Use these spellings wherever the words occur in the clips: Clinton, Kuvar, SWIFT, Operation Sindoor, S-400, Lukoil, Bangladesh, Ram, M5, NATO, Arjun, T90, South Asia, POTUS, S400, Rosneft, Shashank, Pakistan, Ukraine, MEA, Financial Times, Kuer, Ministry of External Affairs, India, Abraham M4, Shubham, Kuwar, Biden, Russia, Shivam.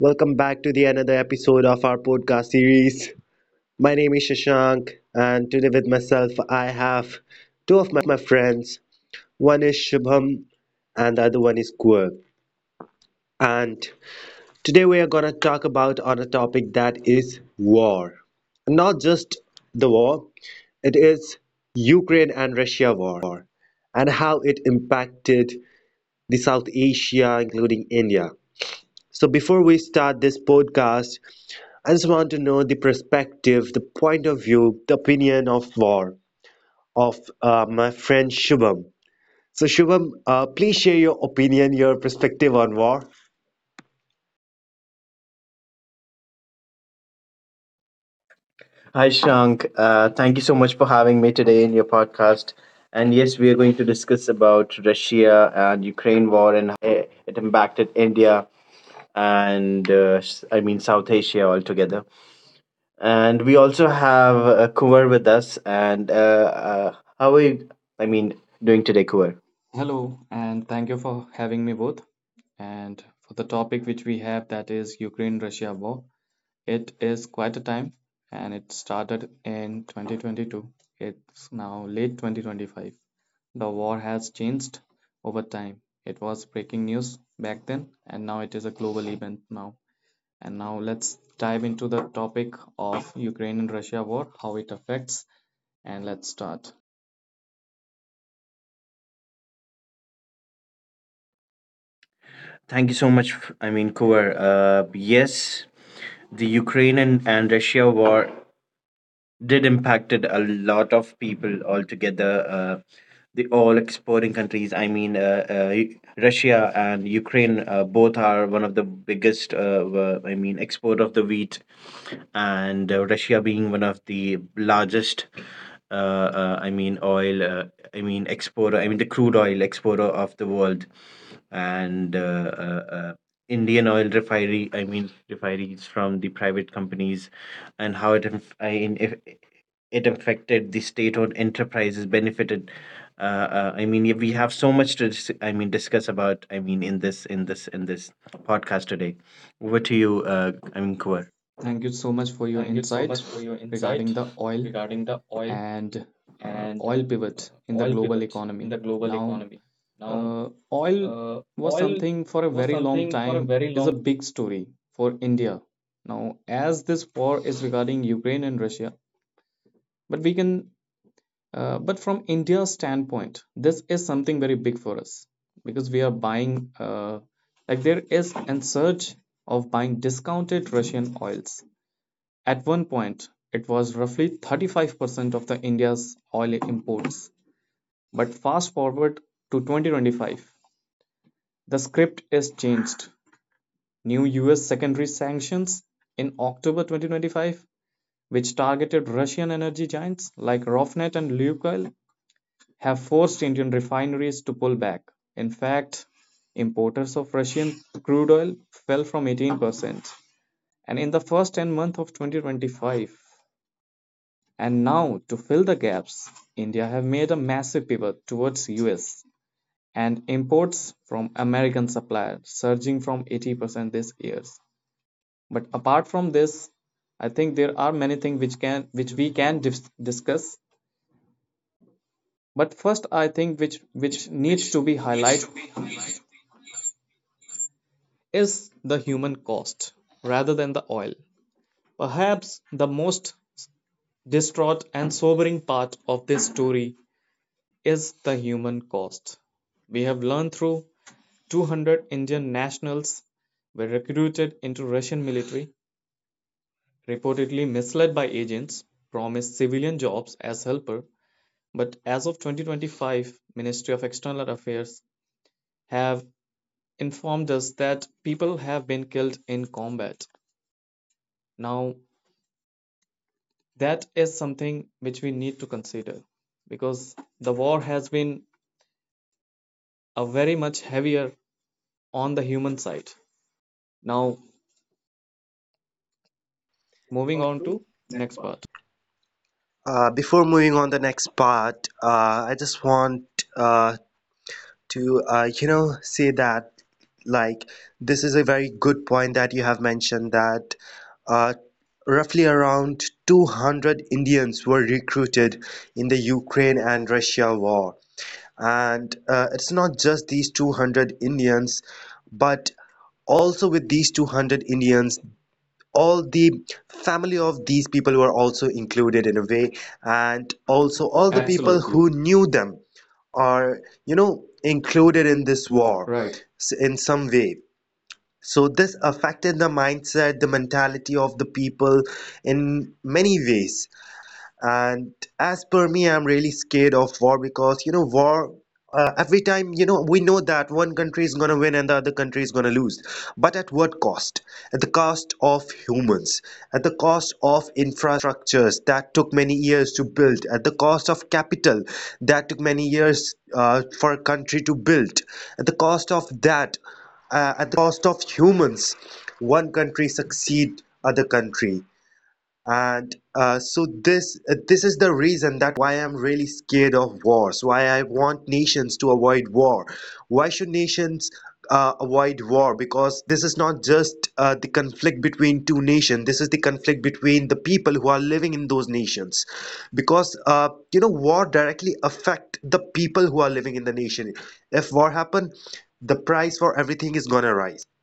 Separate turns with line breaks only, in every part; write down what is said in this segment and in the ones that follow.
welcome back to the another episode of our podcast series. My name is Shashank, and today with myself I have two of my friends. One is Shubham, and the other one is Kuer. And today we are gonna talk about on a topic that is war, not just the war. It is Ukraine and Russia war, and how it impacted the South Asia, including India. So before we start this podcast, I just want to know the perspective, the point of view, the opinion of war of my friend Shubham. So Shubham, please share your opinion, your perspective on war.
Hi, Shank. Thank you so much for having me today in your podcast. And yes, we are going to discuss about Russia and Ukraine war, and it impacted India and I mean South Asia altogether. And we also have Kuvar with us. And uh, how are you? I mean, doing today, Kuvar?
Hello, and thank you for having me both. And for the topic which we have, that is Ukraine-Russia war. It is quite a time, and it started in 2022. It's now late 2025. The war has changed over time. It was breaking news back then, and now it is a global event now. And now let's dive into the topic of Ukraine and Russia war, how it affects, and let's start.
Thank you so much. I mean, Kuvar. Yes, the Ukraine and Russia war did impacted a lot of people altogether. The all exporting countries. I mean, Russia and Ukraine both are one of the biggest. I mean, export of the wheat, and Russia being one of the largest. I mean, oil. I mean, exporter. I mean, the crude oil exporter of the world, and Indian oil refinery. I mean, refineries from the private companies, and how it if it affected the state-owned enterprises benefited. Uh, I mean, yeah, we have so much to I mean discuss about. I mean, in this podcast today. Over to you, I mean, Kuwar.
Thank you so much for your
Thank you so much
insight
for your
regarding
insight
the oil
regarding the oil
and
and
oil
uh,
pivot in the
oil
global
pivot in
economy.
the global
Now,
economy. Now,
oil
uh,
was
oil
something for a
was
very long
something for a
time
very
is
long.
a big story for India. Now, as this war is regarding Ukraine and Russia, but but from India's standpoint, this is something very big for us because like there is a surge of buying discounted Russian oils. At one point, it was roughly 35% of the India's oil imports, but fast forward to 2025, the script is changed. New US secondary sanctions in October 2025, which targeted Russian energy giants like Rosneft and Lukoil, have forced Indian refineries to pull back. In fact, importers of Russian crude oil fell from 18% and in the first 10 months of 2025. And now, to fill the gaps, India have made a massive pivot towards US, and imports from American suppliers surging from 80% this year. But apart from this, I think there are many things which we can discuss. But first, I think which needs to be highlighted is the human cost rather than the oil. Perhaps the most distraught and sobering part of this story is the human cost. We have learned through 200 Indian nationals were recruited into Russian military reportedly misled by agents, promised civilian jobs as helper, but as of 2025, Ministry of External Affairs have informed us that people have been killed in combat. Now, that is something which we need to consider because the war has been a very much heavier on the human side. Now, moving on to next part.
Before moving on the next part, I just want uh, to say that like this is a very good point that you have mentioned that uh, roughly around 200 Indians were recruited in the Ukraine and Russia war. And it's not just these 200 Indians, but also with these 200 Indians, all the family of these people were also included in a way, and
So
also
all the
all
people.
the people
Absolutely. People
who
who need
knew them are, you know, included in this
war.
war
Right.
in some way. So this affected the mindset, the mentality of the people in many ways. And as per me, I'm really scared of war because you know war every time you know we know that one country is going to win and the other country is going to lose, but at what cost? At the cost of humans, at the cost of infrastructures that took many years to build, at the cost of capital that took many years for a country to build, at the cost of that at the cost of humans one country succeed other country. And so this is the reason that why I'm really scared of wars, why I want nations to avoid war. Why should nations avoid war? Because this is not just the conflict between two nations, this is the conflict between the people who are living in those nations. Because you know war directly affect the people who are living in the nation. If war happen, the price for everything is gonna rise.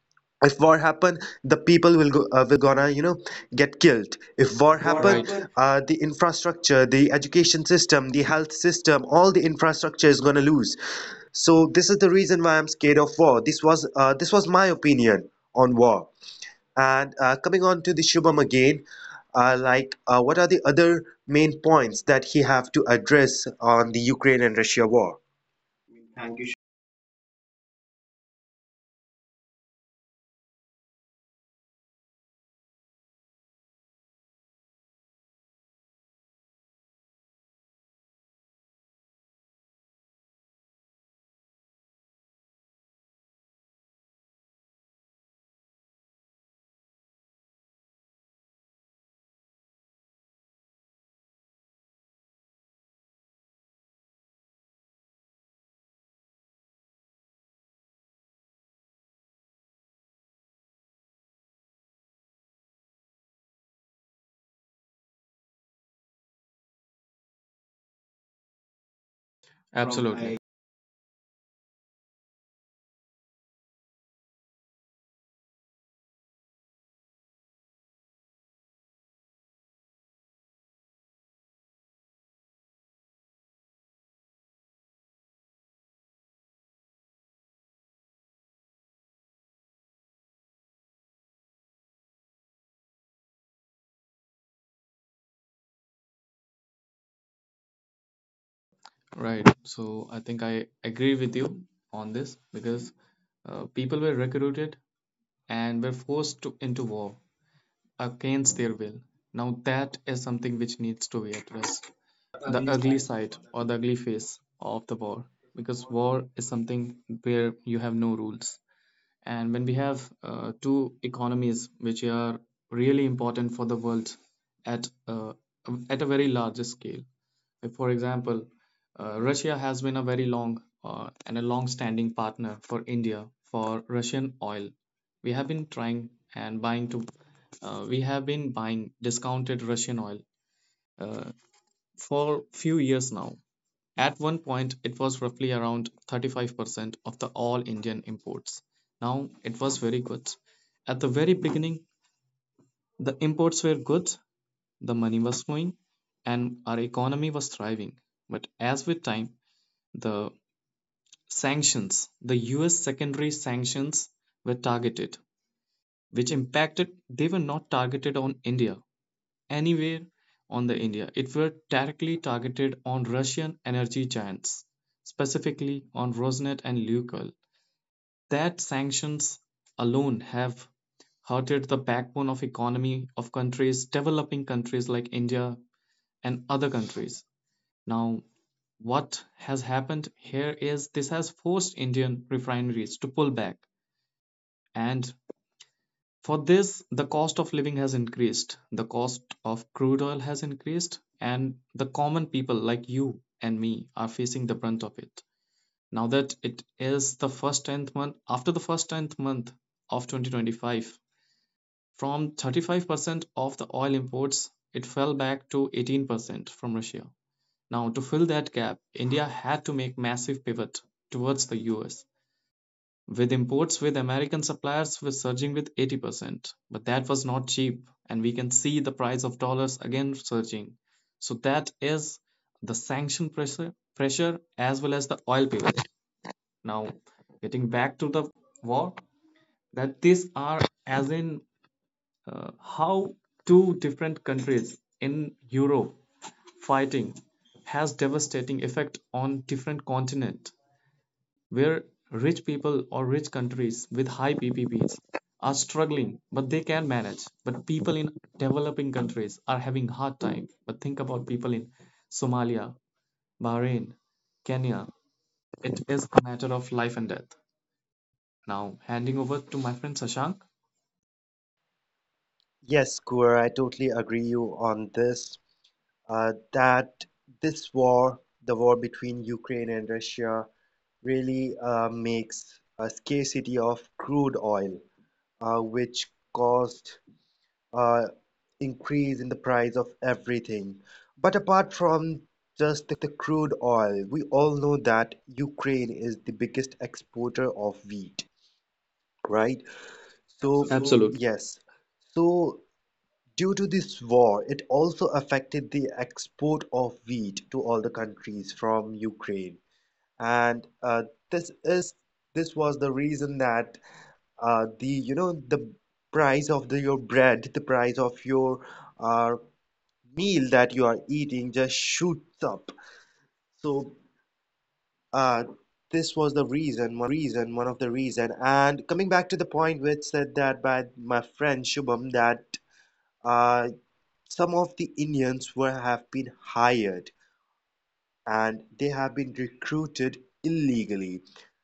If war happen, the people will go will gonna you know get killed. If war
War.
happen,
Right.
the infrastructure, the education system, the health system, all the infrastructure is gonna lose. So this is the reason why I'm scared of war. This was this was my opinion on war. And coming on to the Shubham again, what are the other main points that he have to address on the Ukraine and Russia war?
Absolutely. Right. So I think I agree with you on this because people were recruited and were forced into war against their will. Now that is something which needs to be addressed. The ugly side or the ugly face of the war, because war is something where you have no rules, and when we have two economies which are really important for the world at, at a very large scale, like for example Russia has been a very long and a long standing partner for India. For Russian oil, we have been trying and buying to we have been buying discounted Russian oil for few years now. At one point, it was roughly around 35% of the all Indian imports. Now it was very good. At the very beginning, the imports were good, the money was flowing, and our economy was thriving. But as with time, the sanctions, the US secondary sanctions were targeted, which impacted, they were not targeted on India, anywhere on the India. It were directly targeted on Russian energy giants, specifically on Rosneft and Lukoil. That sanctions alone have hurted the backbone of economy of countries, developing countries like India and other countries. Now, what has happened here is this has forced Indian refineries to pull back, and for this, the cost of living has increased, the cost of crude oil has increased, and the common people like you and me are facing the brunt of it. Now that it is the first 10th month, after the first 10th month of 2025, from 35% of the oil imports, it fell back to 18% from Russia. Now, to fill that gap, India had to make massive pivot towards the US, with imports with American suppliers were surging with 80%. But that was not cheap, and we can see the price of dollars again surging. So that is the sanction pressure, as well as the oil pivot. Now, getting back to the war, that these are as in how two different countries in Europe fighting has devastating effect on different continent where rich people or rich countries with high PPPs are struggling, but they can manage. But people in developing countries are having hard time. But think about people in Somalia, Bahrain, Kenya. It is a matter of life and death. Now, handing over to my friend Sashank.
Yes, Kur, I totally agree you on this that this war, the war between Ukraine and Russia, really makes a scarcity of crude oil, which caused uh, increase in the price of everything. But apart from just the crude oil, we all know that Ukraine is the biggest exporter of wheat, right? So
Absolutely.
yes, so due to this war it also affected the export of wheat to all the countries from Ukraine. And this is this was the reason that the you know the price of the, your bread, the price of your uh, meal that you are eating just shoots up. So uh, this was the reason, one of the reason. And coming back to the point which said that by my friend Shubham that uh, some of the Indians were have been hired and they have been recruited illegally.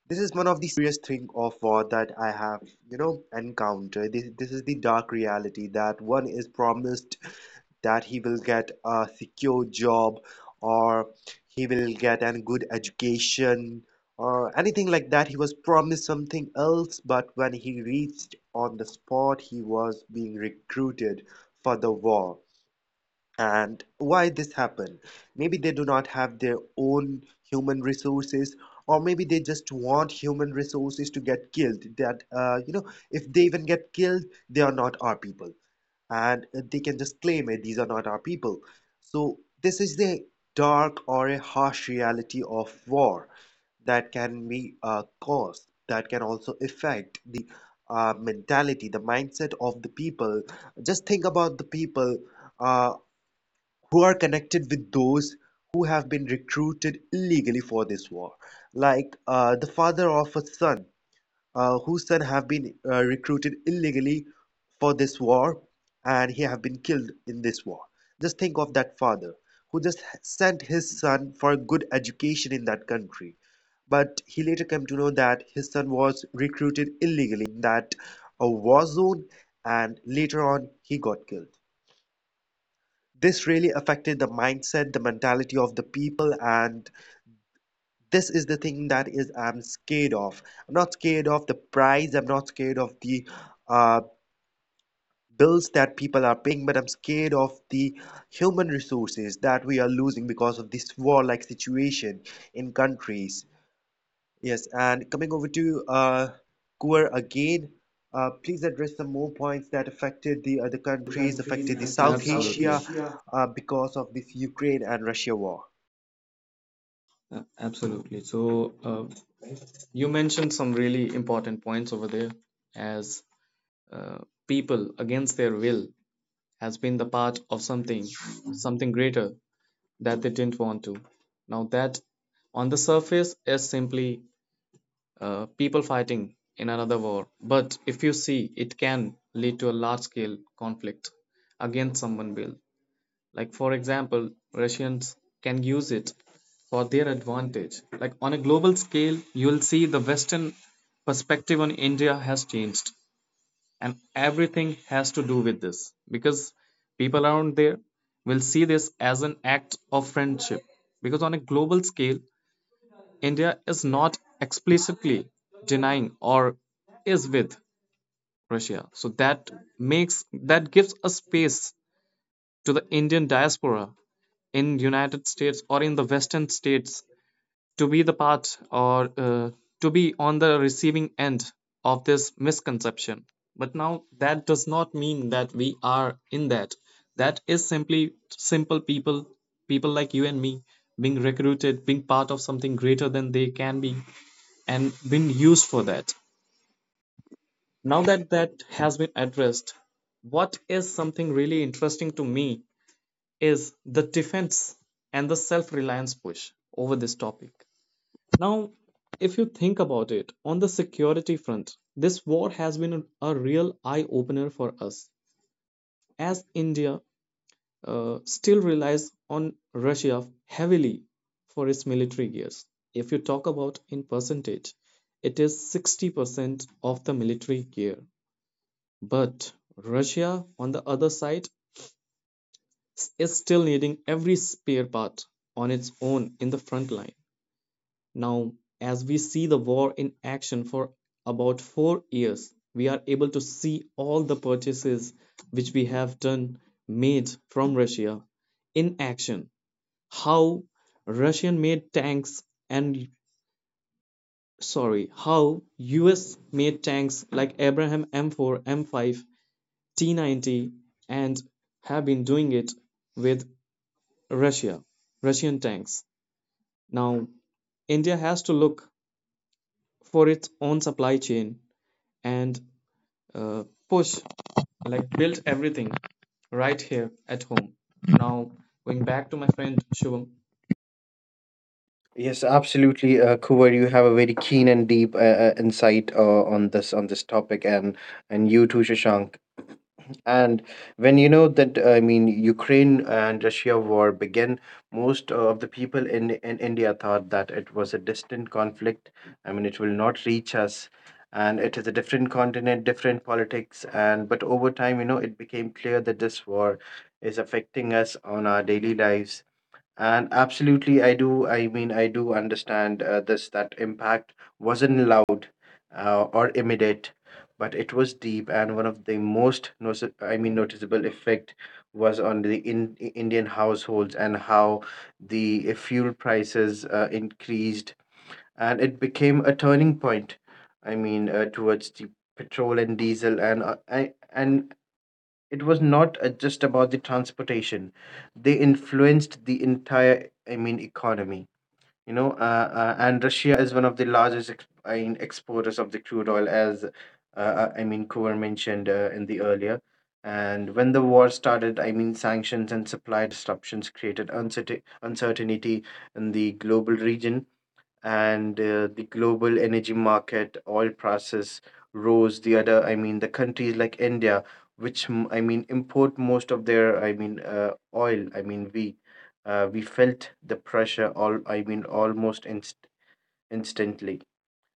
This is one of the scariest thing of war that I have, you know, encountered. This is the dark reality that one is promised that he will get a secure job or he will get a good education or anything like that. He was promised something else, but when he reached on the spot, he was being recruited for the war. And why this happen? Maybe they do not have their own human resources, or maybe they just want human resources to get killed, that you know if they even get killed they are not our people and they can just claim it these are not our people. So this is the dark or a harsh reality of war that can be caused, that can also affect the mentality, the mindset of the people. Just think about the people uh, who are connected with those who have been recruited illegally for this war. Like the father of a son whose son have been recruited illegally for this war and he have been killed in this war. Just think of that father who just sent his son for a good education in that country. But he later came to know that his son was recruited illegally in that a war zone and later on he got killed. This really affected the mindset, the mentality of the people. And this is the thing that is I'm scared of. I'm not scared of the price, I'm not scared of the uh, bills that people are paying, but I'm scared of the human resources that we are losing because of this war like situation in countries. Yes, and coming over to Kuwar again, please address some more points that affected the other
The
countries,
countries
affected the
affecting.
South
Absolutely. South
Asia
Asia.
because of this Ukraine and Russia war.
Absolutely. So you mentioned some really important points over there, as uh, people against their will has been the part of something, something greater that they didn't want to. Now, that on the surface is simply people fighting in another war, but if you see, it can lead to a large scale conflict against someone built. Like, for example, Russians can use it for their advantage. Like, on a global scale, you will see the Western perspective on India has changed, and everything has to do with this because people around there will see this as an act of friendship, because on a global scale, India is not explicitly denying or is with Russia, so that makes, that gives a space to the Indian diaspora in United States or in the Western states to be the part or to be on the receiving end of this misconception. But now that does not mean that we are in that. That is simply simple people, people like you and me, being recruited, being part of something greater than they can be, and being used for that. Now that that has been addressed, what is something really interesting to me is the defense and the self reliance push over this topic. Now, if you think about it, on the security front, this war has been a real eye opener for us as India still relies on Russia heavily for its military gears. If you talk about in percentage, it is 60% of the military gear. But Russia, on the other side, is still needing every spare part on its own in the front line. Now, as we see the war in action for about 4 years, we are able to see all the purchases which we have done made from Russia in action. How Russian made tanks and sorry, how US made tanks like Abraham M4, M5, T90 and have been doing it with Russia, Russian tanks. Now, India has to look for its own supply chain and uh, push like built everything right here at home. Now going back to my friend Shubham.
Yes, absolutely, Kuvar. You have a very keen and deep insight on this topic, and you too, Shashank. And when you know that, I mean, Ukraine and Russia war began, most of the people in India thought that it was a distant conflict. I mean, it will not reach us, and it is a different continent, different politics, and but over time, it became clear that this war is affecting us on our daily lives. And absolutely, I do. I mean, I do understand this that impact wasn't loud or immediate, but it was deep. And one of the most noticeable effect was on the Indian households, and how the fuel prices increased, and it became a turning point. I mean, towards the petrol and diesel, and and it was not just about the transportation. They influenced the entire I mean economy, and Russia is one of the largest I mean exporters of the crude oil, as I mean Kuvar mentioned in the earlier. And when the war started, I mean sanctions and supply disruptions created uncertainty in the global region, and the global energy market oil prices rose. The other, I mean the countries like India, which I mean import most of their I mean oil. I mean we felt the pressure, all I mean almost instantly.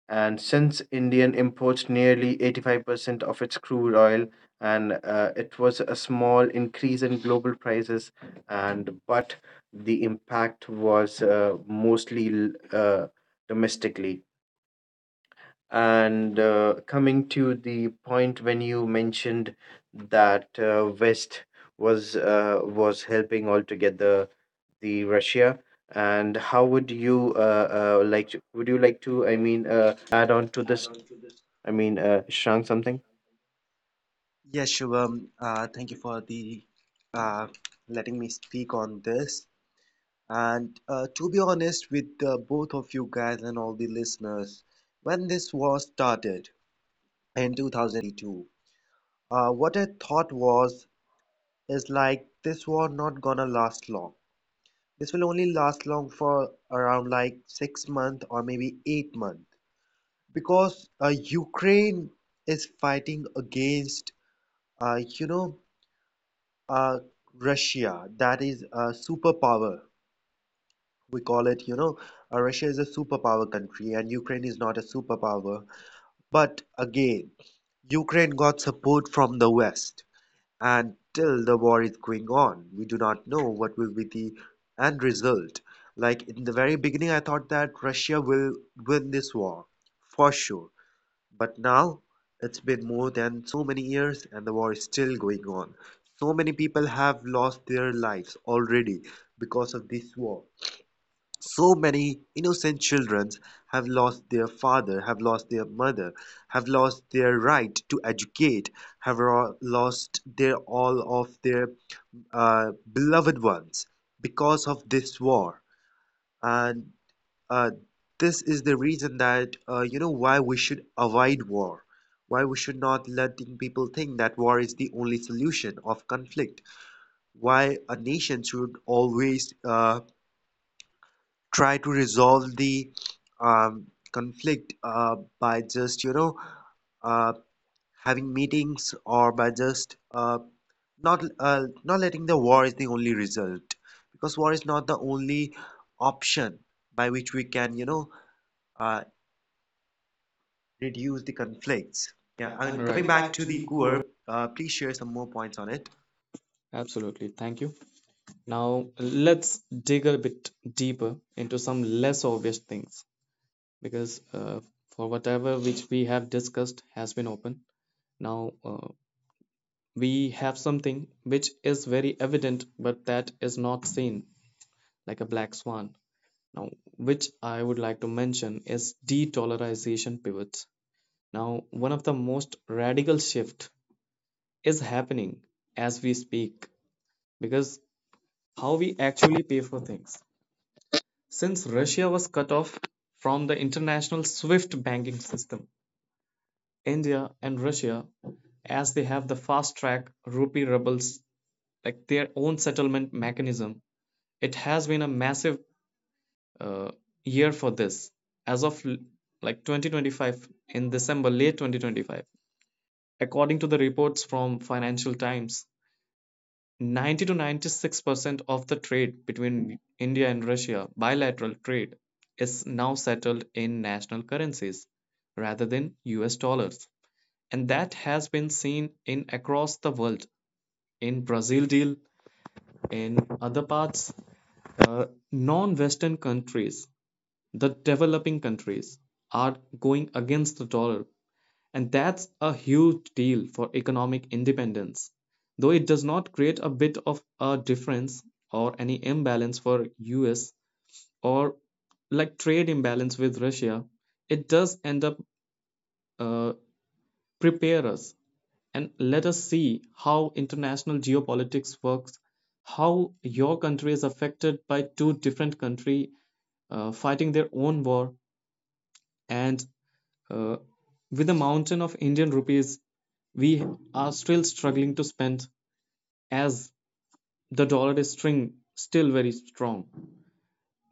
And since Indian imports nearly 85% of its crude oil, and it was a small increase in global prices, and but the impact was mostly uh, domestically. And coming to the point when you mentioned that West was helping altogether the Russia. And how would you like to, would you like to, I mean, add on to this. I mean, shrunk something.
Yes, Shubham, thank you for the uh, letting me speak on this. And to be honest with both of you guys and all the listeners, when this war started in 2022, what I thought was is like this war not gonna last long. This will only last long for around like 6 months or maybe 8 months, because Ukraine is fighting against you know uh, Russia that is a superpower. We call it you know Russia is a superpower country and Ukraine is not a superpower. But again, Ukraine got support from the West. And till the war is going on, we do not know what will be the end result. Like in the very beginning, I thought that Russia will win this war for sure. But now it's been more than so many years and the war is still going on. So many people have lost their lives already because of this war. So many innocent children have lost their father, have lost their mother, have lost their right to educate, have lost their all of their beloved ones because of this war. And uh, this is the reason that you know why we should avoid war, why we should not letting people think that war is the only solution of conflict, why a nation should always try to resolve the um, conflict by just you know uh, having meetings or by just not not letting the war is the only result, because war is not the only option by which we can you know uh, reduce the conflicts. Yeah,
Yeah,
and
Right.
coming
Coming
back
back
to
to
the
the core.
core, please share some more points on it.
Absolutely. Thank you. Now let's dig a bit deeper into some less obvious things, because for whatever which we have discussed has been open. Now we have something which is very evident but that is not seen, like a black swan. Now, which I would like to mention is de-dollarization pivots. Now, one of the most radical shift is happening as we speak because how we actually pay for things. Since Russia was cut off from the international SWIFT banking system, India and Russia, as they have the fast track rupee rubles, like their own settlement mechanism, it has been a massive uh, year for this. As of like 2025, in December, late 2025, according to the reports from Financial Times, 90 to 96% of the trade between India and Russia bilateral trade is now settled in national currencies rather than US dollars. And that has been seen in across the world, in Brazil deal, in other parts. uh, Non-Western countries, the developing countries, are going against the dollar, and that's a huge deal for economic independence. Though it does not create a bit of a difference or any imbalance for us or like trade imbalance with Russia, it does end up uh, prepare us and let us see how international geopolitics works, how your country is affected by two different country fighting their own war. And Uh, with a mountain of Indian rupees, we are still struggling to spend as the dollar is string still very strong.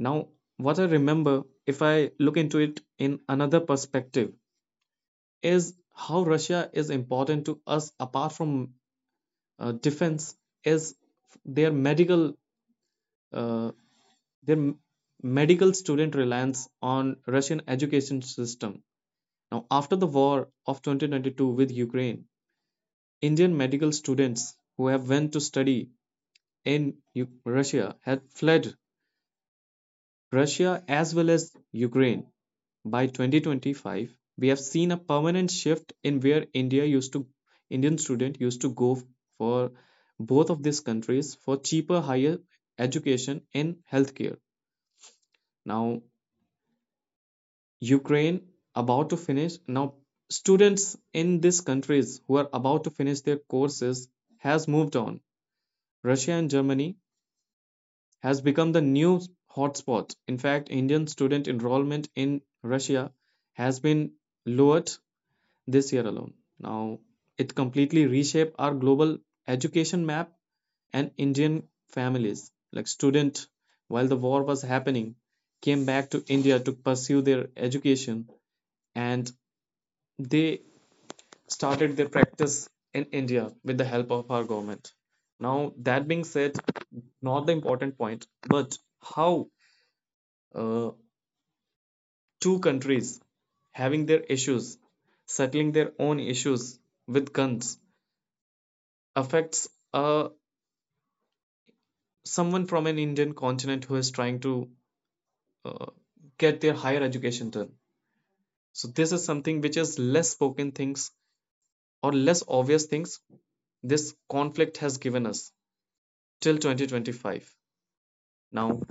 Now, what I remember, if I look into it in another perspective, is how Russia is important to us apart from defense is their medical uh, their medical student reliance on Russian education system. Now, after the war of 2022 with Ukraine, Indian medical students who have went to study in Russia had fled Russia as well as Ukraine. By 2025, we have seen a permanent shift in where Indian student used to go for both of these countries for cheaper higher education in healthcare. Now Ukraine about to finish now students in these countries who are about to finish their courses has moved on. Russia and Germany has become the new hotspot. In fact, Indian student enrollment in Russia has been lowered this year alone. Now, it completely reshaped our global education map, and Indian families, like student, while the war was happening, came back to India to pursue their education, and they started their practice in India with the help of our government. Now, that being said, not the important point, but how uh, two countries having their issues, settling their own issues with guns, affects uh, someone from an Indian continent who is trying to get their higher education done. So this is something which is less spoken things or less obvious things this conflict has given us till 2025. Now,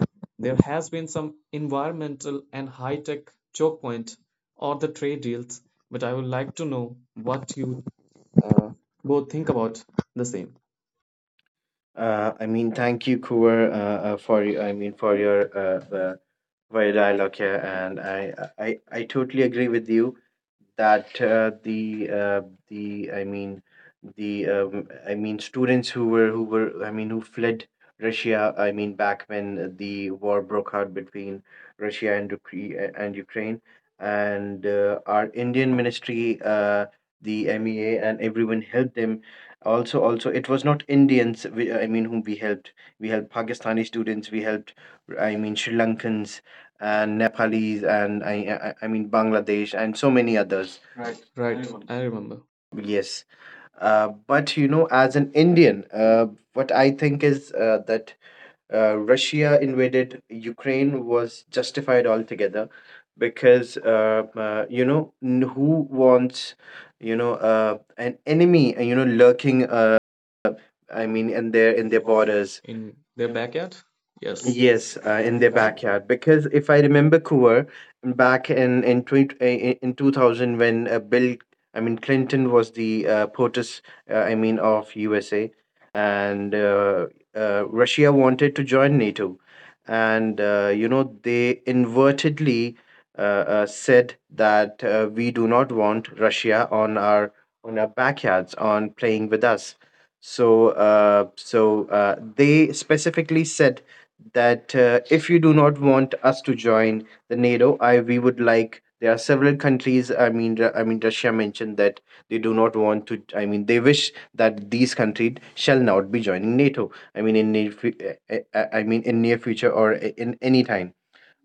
there has been some environmental and high-tech choke point or the trade deals, but I would like to know what you uh, both think about the same.
I mean, thank you, Kuwar, for I mean for your dialogue here, and I totally agree with you that the I mean the I mean students who were I mean who fled Russia. I mean back when the war broke out between Russia and Ukraine, and our Indian ministry, the MEA, and everyone helped them. Also, also it was not Indians I mean whom we helped. We helped Pakistani students, we helped I mean Sri Lankans and Nepalese, and I mean Bangladesh and so many others.
Right, I remember.
Yes. But you know as an Indian, what I think is that Russia invaded Ukraine was justified altogether. Because you know who wants, an enemy, lurking I mean in their
In
in
their
their
borders.
borders.
In their backyard?
Yes.
Yes. Yes,
Yes,
in
in
their
their
backyard.
backyard. Because if I remember, Cooper, back in, 20, in 2000 when Bill I mean Clinton was the POTUS, I mean of USA, and Russia wanted to join NATO, and you know they invertedly said that we do not want Russia on our backyards on playing with us. So they specifically said that if you do not want us to join the NATO, I we would like. There are several countries. I mean, Russia mentioned that they do not want to. I mean, they wish that these countries shall not be joining NATO. I mean, in near, fu- I mean, in near future, or in any time.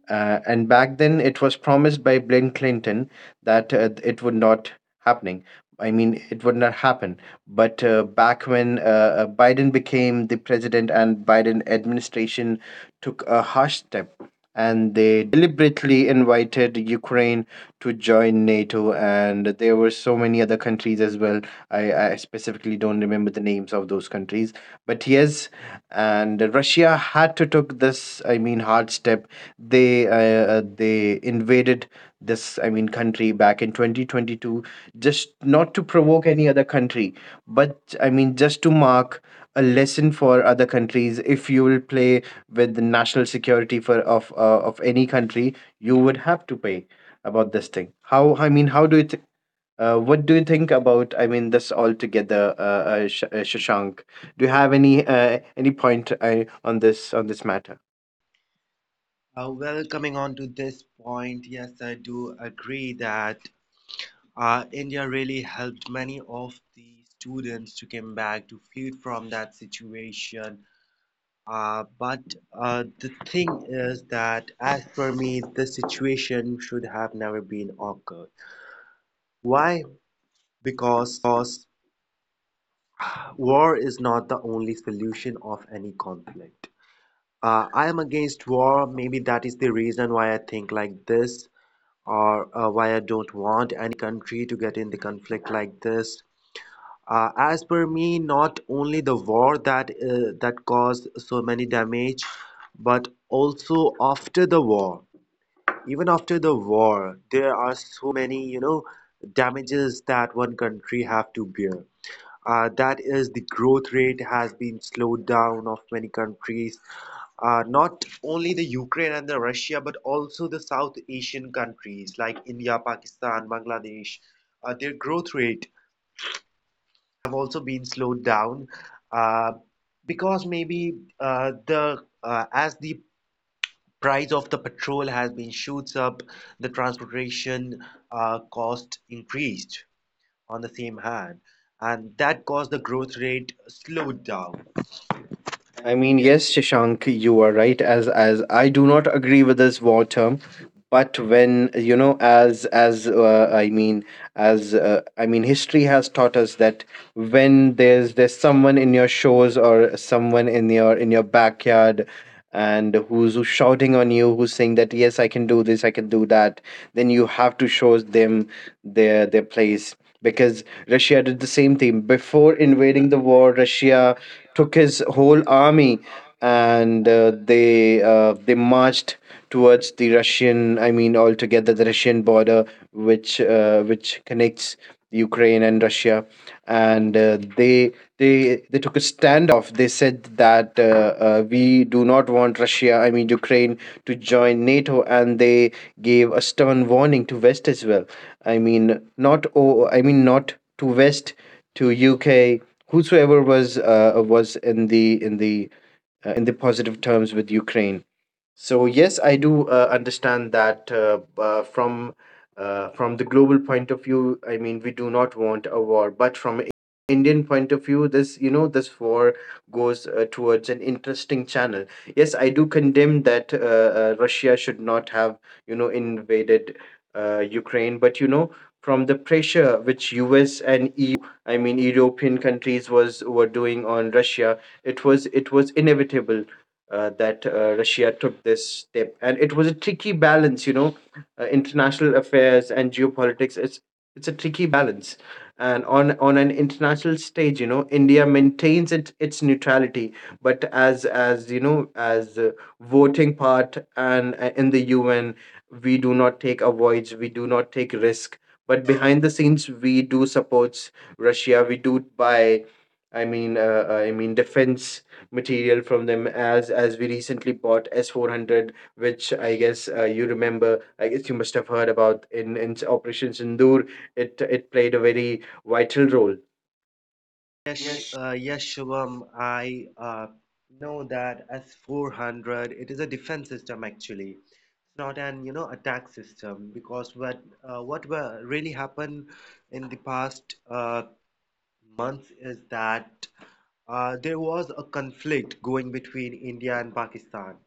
And back then, it was promised by Bill Clinton that it would not happening. I mean, it would not happen. But back when Biden became the president, and Biden administration took a harsh step, and they deliberately invited Ukraine to join NATO, and there were so many other countries as well. I specifically don't remember the names of those countries. But yes, and Russia had to took this, I mean, hard step. They uh, they invaded this, I mean, country back in 2022, just not to provoke any other country, but I mean just to mark a lesson for other countries. If you will play with the national security for of any country, you would have to pay about this thing. How i mean how do you what do you think about I mean this altogether, Shashank? Do you have any point on this matter?
Well, coming on to this point, yes I do agree that India really helped many of the students to come back to flee from that situation. But the thing is that, as per me, the situation should have never been occurred. Why? Because war is not the only solution of any conflict. I am against war. Maybe that is the reason why I think like this, or why I don't want any country to get in the conflict like this. As per me, not only the war that that caused so many damage, but also after the war. Even after the war, there are so many, you know, damages that one country have to bear. That is, the growth rate has been slowed down of many countries. Not only the Ukraine and the Russia, but also the South Asian countries like India, Pakistan, Bangladesh. Their growth rate have also been slowed down uh, because maybe the as the price of the petrol has been shoots up, the transportation cost increased on the same hand, and that caused the growth rate slowed down.
I mean, yes, Shashank, you are right. As I do not agree with this war term, but when you know, as I mean, as I mean, history has taught us that when there's someone in your shores, or someone in your backyard, and who's shouting on you, who's saying that yes I can do this, I can do that, then you have to show them their place. Because Russia did the same thing before invading the war. Russia took his whole army, and they marched towards the Russian I mean altogether the Russian border, which connects Ukraine and Russia, and they took a standoff. They said that we do not want Russia, I mean Ukraine, to join NATO, and they gave a stern warning to West as well. I mean not, oh, I mean not to West, to UK, whosoever was in the positive terms with Ukraine. So yes, I do understand that, from the global point of view. I mean, we do not want a war, but from an Indian point of view, this you know this war goes towards an interesting channel. Yes, I do condemn that Russia should not have invaded Ukraine. But you know from the pressure which US and EU, I mean European countries was were doing on Russia, it was inevitable that Russia took this step. And it was a tricky balance, international affairs and geopolitics. It's a tricky balance, and on an international stage, India maintains its neutrality. But as you know, as a voting part, and in the UN, we do not take avoids, we do not take risk. But behind the scenes, we do supports Russia. We do buy, I mean, defense material from them, as we recently bought S400, which I guess you remember, I guess you must have heard about in Operation Sindoor. It played a very vital role. Yes.
Yes, Shubham. I know that S-400, it is a defense system actually. It's not an, you know, attack system because what were really happened in the past months is that there was a conflict going between India and Pakistan.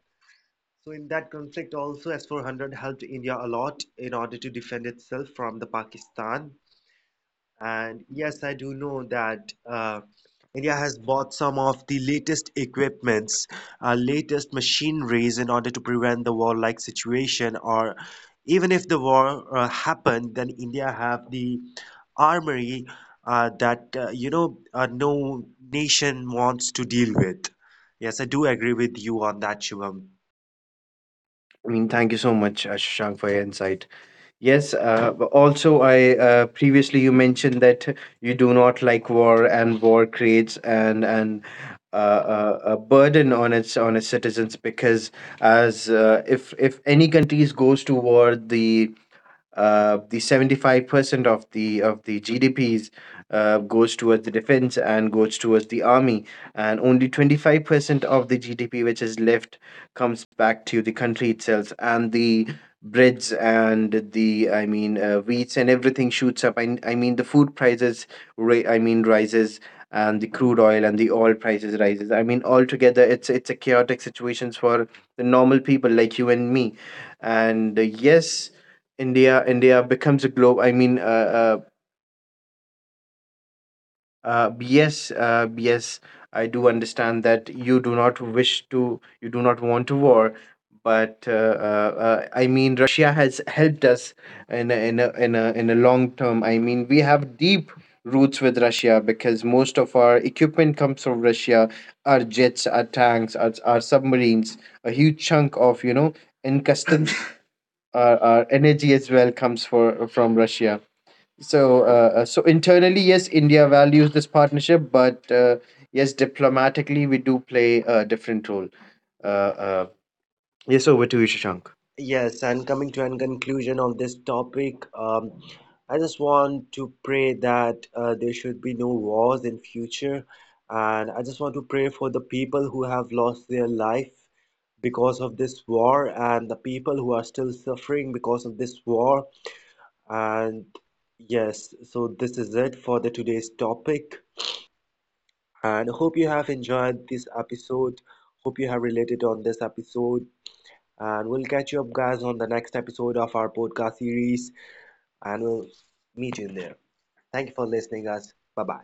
So in that conflict also S-400 helped India a lot in order to defend itself from the Pakistan. And yes, I do know that India has bought some of the latest equipments, latest machineries in order to prevent the war-like situation. Or even if the war happened, then India have the armory that you know no nation wants to deal with. Yes, I do agree with you on that, Shivam.
I mean thank you so much Shashank for your insight. Yes, but also I previously you mentioned that you do not like war, and war creates a burden on its citizens. Because as if any countries goes to war, the 75% of the GDPs goes towards the defense, and goes towards the army. And only 25% of the GDP which is left comes back to the country itself. And the breads and the I mean wheats and everything shoots up. I mean the food prices I mean rises. And the crude oil and the oil prices rises, I mean altogether. It's a chaotic situations for the normal people like you and me. And yes, India becomes a globe, I mean yes, yes, I do understand that you do not wish to, you do not want to war. But I mean, Russia has helped us in a long term. I mean, we have deep roots with Russia because most of our equipment comes from Russia, our jets, our tanks, our submarines, a huge chunk of, you know, in customs our energy as well comes for from Russia. So, internally, yes, India values this partnership. But yes, diplomatically, we do play a different role. Uh, uh, yes, over to you, Shashank.
Yes, and coming to an conclusion of this topic, I just want to pray that there should be no wars in future, and I just want to pray for the people who have lost their life because of this war, and the people who are still suffering because of this war. And yes, so this is it for the today's topic, and hope you have enjoyed this episode. Hope you have related on this episode and we'll catch you up, guys, on the next episode of our podcast series. And we'll meet you in there. Thank you for listening, guys. Bye bye.